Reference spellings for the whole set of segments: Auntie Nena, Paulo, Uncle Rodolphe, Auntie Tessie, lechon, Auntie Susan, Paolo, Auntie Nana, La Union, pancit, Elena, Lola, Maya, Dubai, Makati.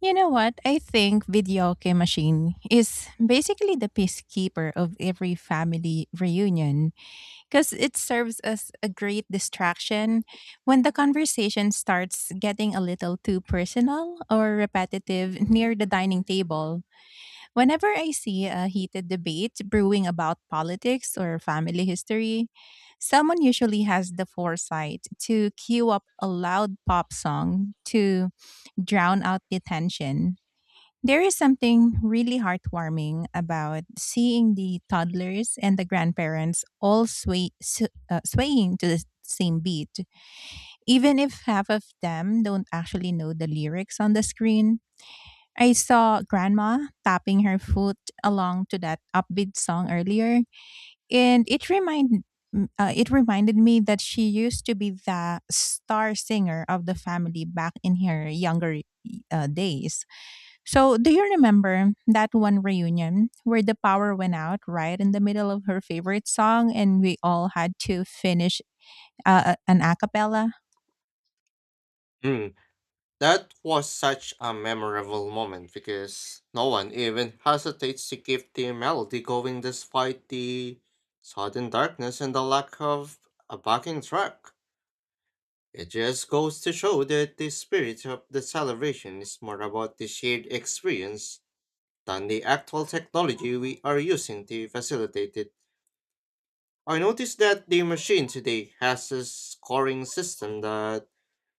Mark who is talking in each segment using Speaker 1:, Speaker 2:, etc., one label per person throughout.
Speaker 1: You know what? I think videoke machine is basically the peacekeeper of every family reunion because it serves as a great distraction when the conversation starts getting a little too personal or repetitive near the dining table. Whenever I see a heated debate brewing about politics or family history, someone usually has the foresight to cue up a loud pop song to drown out the tension. There is something really heartwarming about seeing the toddlers and the grandparents all swaying to the same beat. Even if half of them don't actually know the lyrics on the screen, I saw grandma tapping her foot along to that upbeat song earlier, and it reminded me that she used to be the star singer of the family back in her younger days. So, do you remember that one reunion where the power went out right in the middle of her favorite song and we all had to finish an a cappella?
Speaker 2: Hmm. That was such a memorable moment because no one even hesitates to keep the melody going despite the sudden darkness and the lack of a backing track. It just goes to show that the spirit of the celebration is more about the shared experience than the actual technology we are using to facilitate it. I noticed that the machine today has a scoring system that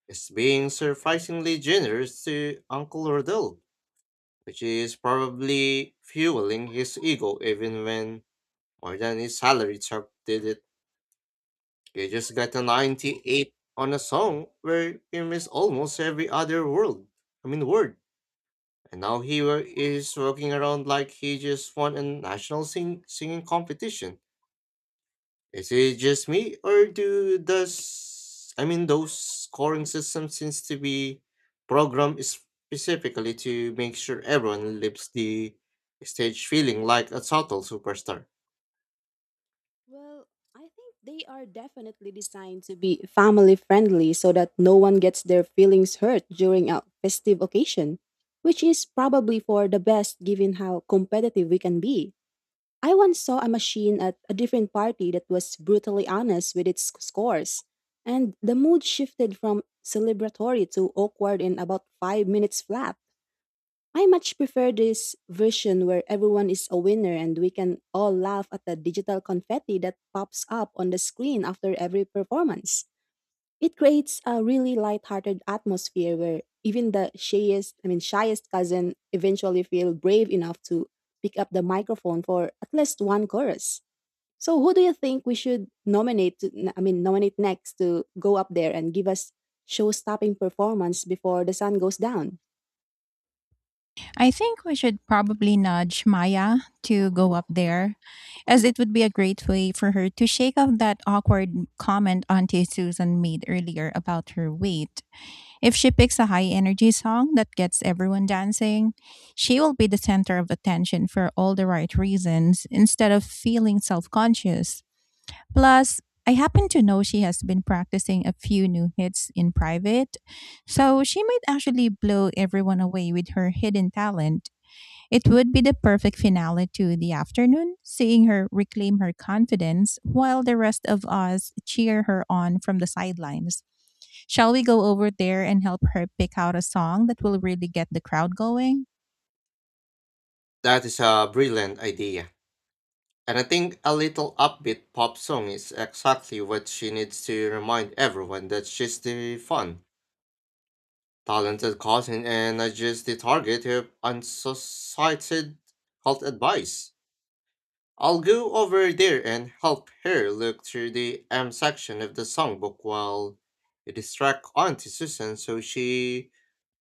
Speaker 2: is being surprisingly generous to Uncle Rodolphe, which is probably fueling his ego even when more than his salary top did it. He just got a 98 on a song where he missed almost every other word. And now he is walking around like he just won a national singing competition. Is it just me, or do does I mean those scoring systems seems to be programmed specifically to make sure everyone leaves the stage feeling like a total superstar?
Speaker 3: Well, I think they are definitely designed to be family friendly so that no one gets their feelings hurt during a festive occasion, which is probably for the best given how competitive we can be. I once saw a machine at a different party that was brutally honest with its scores, and the mood shifted from celebratory to awkward in about 5 minutes flat. I much prefer this version where everyone is a winner and we can all laugh at the digital confetti that pops up on the screen after every performance. It creates a really lighthearted atmosphere where even the shyest, I mean shyest cousin eventually feel brave enough to pick up the microphone for at least one chorus. So who do you think we should nominate next to go up there and give us show-stopping performance before the sun goes down?
Speaker 1: I think we should probably nudge Maya to go up there, as it would be a great way for her to shake off that awkward comment Auntie Susan made earlier about her weight. If she picks a high energy song that gets everyone dancing, she will be the center of attention for all the right reasons instead of feeling self conscious. Plus, I happen to know she has been practicing a few new hits in private, so she might actually blow everyone away with her hidden talent. It would be the perfect finale to the afternoon, seeing her reclaim her confidence while the rest of us cheer her on from the sidelines. Shall we go over there and help her pick out a song that will really get the crowd going?
Speaker 2: That is a brilliant idea, and I think a little upbeat pop song is exactly what she needs to remind everyone that she's the fun, talented cousin, and not just the target of unsolicited health advice. I'll go over there and help her look through the M section of the songbook while you distract Auntie Susan so she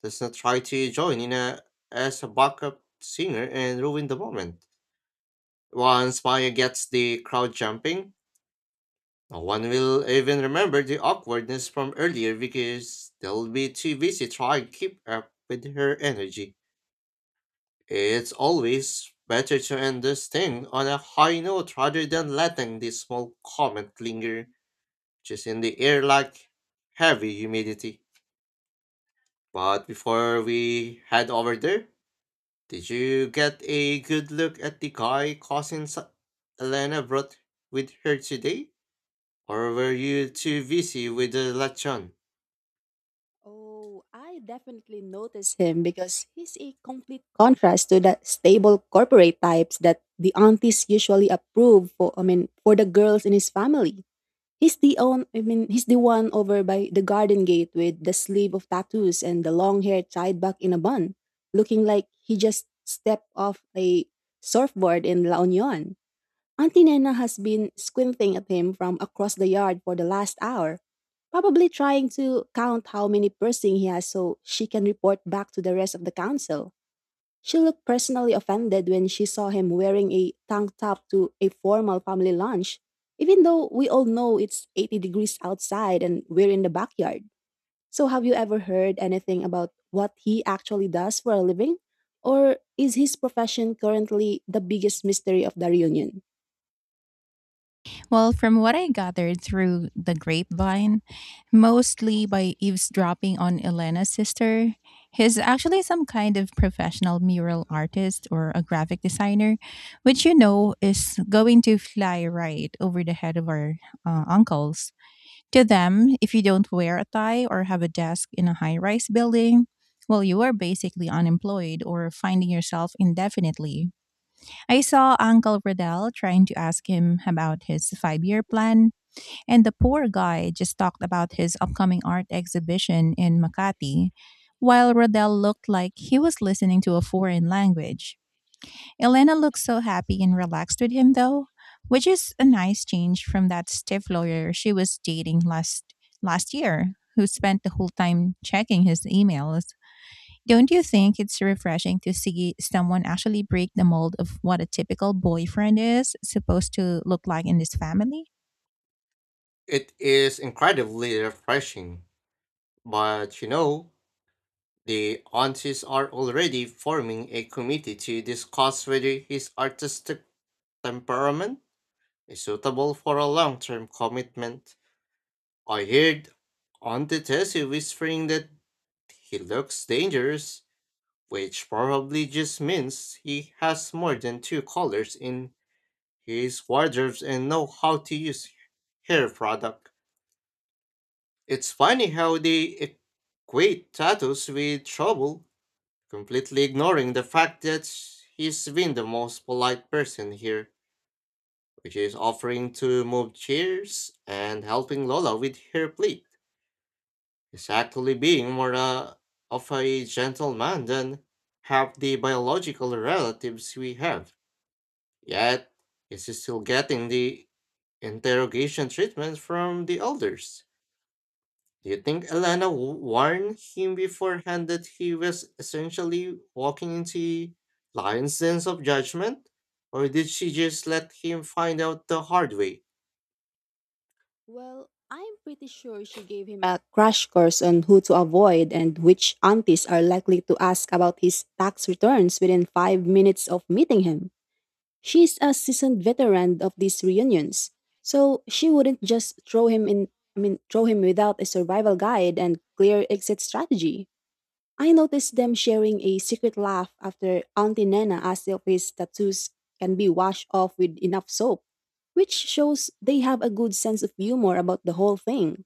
Speaker 2: does not try to join as a backup singer and ruin the moment. Once Maya gets the crowd jumping, no one will even remember the awkwardness from earlier because they'll be too busy trying to keep up with her energy. It's always better to end this thing on a high note rather than letting this small comment linger just in the air like heavy humidity. But before we head over there, did you get a good look at the guy cousin Elena brought with her today? Or were you too busy with the lechon?
Speaker 3: Oh, I definitely notice him because he's a complete contrast to the stable corporate types that the aunties usually approve for I mean for the girls in his family. He's the own I mean he's the one over by the garden gate with the sleeve of tattoos and the long hair tied back in a bun, looking like he just stepped off a surfboard in La Union. Auntie Nena has been squinting at him from across the yard for the last hour, probably trying to count how many piercings he has so she can report back to the rest of the council. She looked personally offended when she saw him wearing a tank top to a formal family lunch, even though we all know it's 80 degrees outside and we're in the backyard. So, have you ever heard anything about what he actually does for a living? Or is his profession currently the biggest mystery of the reunion?
Speaker 1: Well, from what I gathered through the grapevine, mostly by eavesdropping on Elena's sister, he's actually some kind of professional mural artist or a graphic designer, which you know is going to fly right over the head of our uncles. To them, if you don't wear a tie or have a desk in a high rise building, well, you are basically unemployed or finding yourself indefinitely. I saw Uncle Riddell trying to ask him about his 5-year plan, and the poor guy just talked about his upcoming art exhibition in Makati, while Riddell looked like he was listening to a foreign language. Elena looked so happy and relaxed with him, though, which is a nice change from that stiff lawyer she was dating last year, who spent the whole time checking his emails. Don't you think it's refreshing to see someone actually break the mold of what a typical boyfriend is supposed to look like in this family?
Speaker 2: It is incredibly refreshing, but you know, the aunties are already forming a committee to discuss whether his artistic temperament is suitable for a long term commitment. I heard Auntie Tessie whispering that he looks dangerous, which probably just means he has more than two colors in his wardrobes and know how to use hair product. It's funny how they equate tattoos with trouble, completely ignoring the fact that he's been the most polite person here, which is offering to move chairs and helping Lola with her plate. He's actually being more of a gentleman than half the biological relatives we have. Yet, he's still getting the interrogation treatment from the elders. Do you think Elena warned him beforehand that he was essentially walking into Lion's sense of judgment? Or did she just let him find out the hard way?
Speaker 3: Well, I'm pretty sure she gave him a crash course on who to avoid and which aunties are likely to ask about his tax returns within 5 minutes of meeting him. She's a seasoned veteran of these reunions, so she wouldn't just throw him in I mean throw him without a survival guide and clear exit strategy. I noticed them sharing a secret laugh after Auntie Nana asked if his tattoos can be washed off with enough soap, which shows they have a good sense of humor about the whole thing.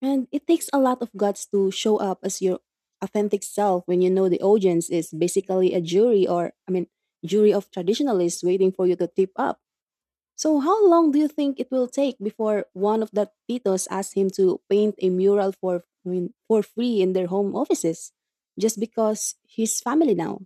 Speaker 3: And it takes a lot of guts to show up as your authentic self when you know the audience is basically a jury or, I mean, jury of traditionalists waiting for you to tip up. So, how long do you think it will take before one of the titos asks him to paint a mural for free in their home offices, just because he's family now?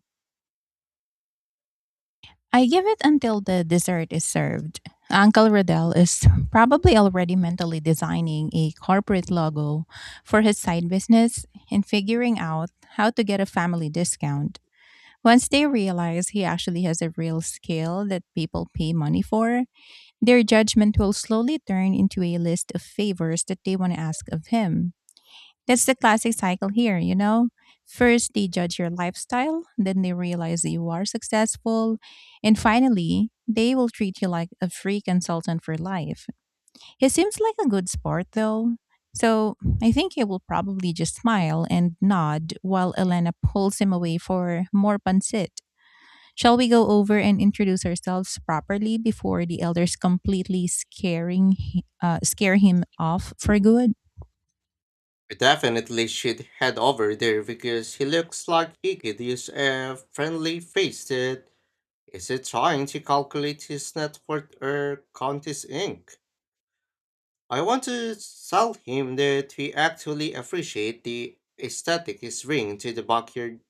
Speaker 1: I give it until the dessert is served. Uncle Riddell is probably already mentally designing a corporate logo for his side business and figuring out how to get a family discount. Once they realize he actually has a real skill that people pay money for, their judgment will slowly turn into a list of favors that they want to ask of him. That's the classic cycle here, you know? First, they judge your lifestyle, then they realize that you are successful, and finally, they will treat you like a free consultant for life. He seems like a good sport, though. So I think he will probably just smile and nod while Elena pulls him away for more pancit. Shall we go over and introduce ourselves properly before the elders completely scare him off for good?
Speaker 2: We definitely should head over there because he looks like he could use a friendly face that isn't trying to calculate his net worth or count his ink. I want to tell him that we actually appreciate the aesthetic he's bringing to the backyard,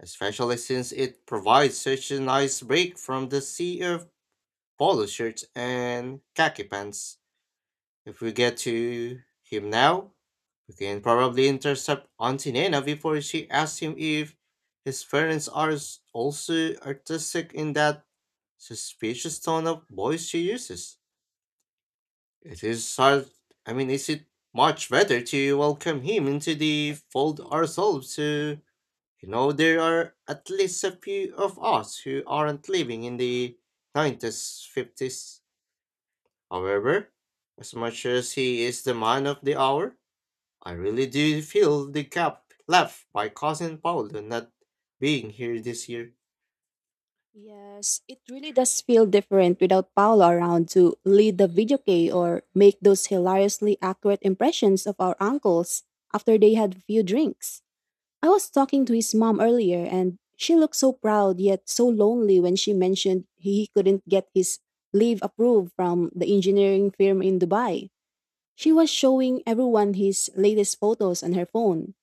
Speaker 2: especially since it provides such a nice break from the sea of polo shirts and khaki pants. If we get to him now, we can probably intercept Auntie Nana before she asks him if his parents are also artistic in that suspicious tone of voice she uses. It is hard, I mean, is it much better to welcome him into the fold ourselves to, you know, there are at least a few of us who aren't living in the 90s, 50s. However, as much as he is the man of the hour, I really do feel the gap left by cousin Paulo not being here this year.
Speaker 3: Yes, it really does feel different without Paolo around to lead the video key or make those hilariously accurate impressions of our uncles after they had few drinks. I was talking to his mom earlier, and she looked so proud yet so lonely when she mentioned he couldn't get his leave approved from the engineering firm in Dubai. She was showing everyone his latest photos on her phone,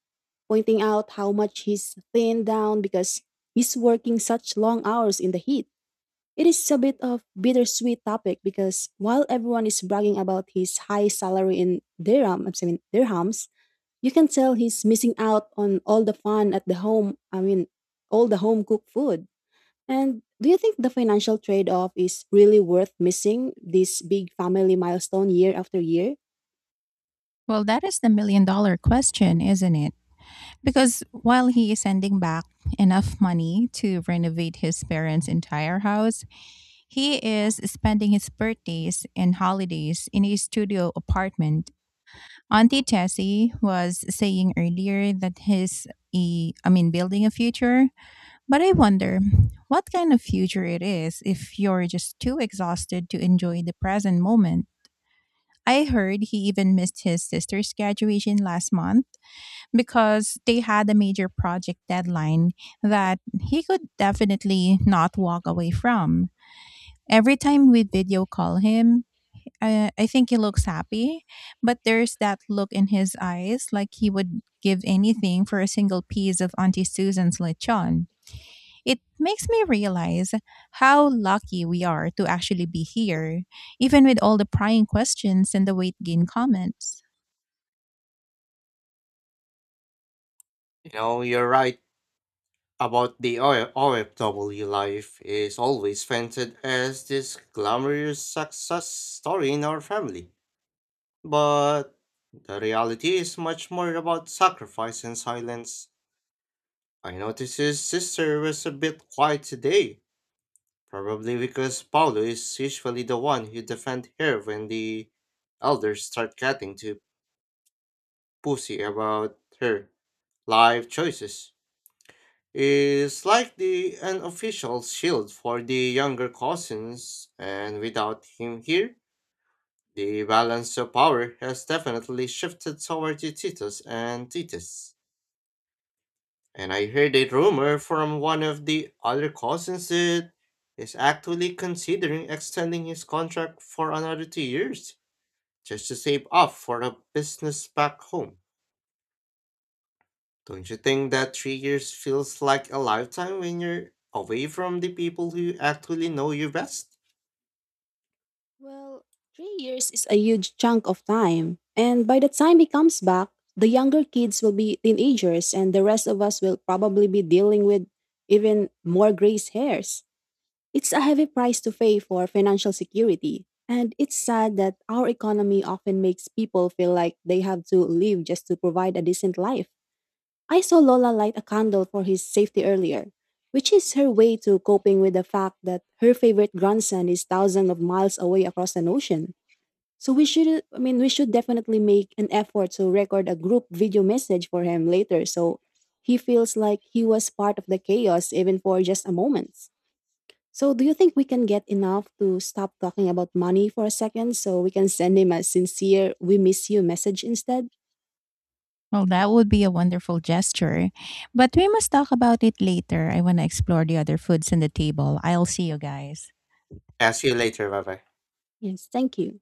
Speaker 3: pointing out how much he's thinned down because he's working such long hours in the heat. It is a bit of bittersweet topic because while everyone is bragging about his high salary in dirhams, you can tell he's missing out on all the fun at the home, I mean, all the home cooked food. And do you think the financial trade off is really worth missing this big family milestone year after year?
Speaker 1: Well, that is the million dollar question, isn't it? Because while he is sending back enough money to renovate his parents' entire house, he is spending his birthdays and holidays in a studio apartment. Auntie Tessie was saying earlier that he's I mean, building a future, but I wonder what kind of future it is if you're just too exhausted to enjoy the present moment. I heard he even missed his sister's graduation last month because they had a major project deadline that he could definitely not walk away from. Every time we video call him, I think he looks happy, but there's that look in his eyes like he would give anything for a single piece of Auntie Susan's lechon. It makes me realize how lucky we are to actually be here, even with all the prying questions and the weight gain comments.
Speaker 2: You know, you're right about the OFW life is always painted as this glamorous success story in our family. But the reality is much more about sacrifice and silence. I noticed his sister was a bit quiet today, probably because Paulo is usually the one who defends her when the elders start getting too pussy about her life choices. It's like the unofficial shield for the younger cousins, and without him here, the balance of power has definitely shifted toward the Titus and Titus. And I heard a rumor from one of the other cousins that is actually considering extending his contract for another 2 years just to save up for a business back home. Don't you think that 3 years feels like a lifetime when you're away from the people who actually know you best?
Speaker 3: Well, 3 years is a huge chunk of time. And by the time he comes back, the younger kids will be teenagers, and the rest of us will probably be dealing with even more gray hairs. It's a heavy price to pay for financial security, and it's sad that our economy often makes people feel like they have to live just to provide a decent life. I saw Lola light a candle for his safety earlier, which is her way to coping with the fact that her favorite grandson is thousands of miles away across an ocean. So we should definitely make an effort to record a group video message for him later so he feels like he was part of the chaos even for just a moment. So, do you think we can get enough to stop talking about money for a second so we can send him a sincere, we miss you message instead?
Speaker 1: Well, that would be a wonderful gesture. But we must talk about it later. I want to explore the other foods on the table. I'll see you guys.
Speaker 2: I'll see you later, bye bye.
Speaker 3: Yes, thank you.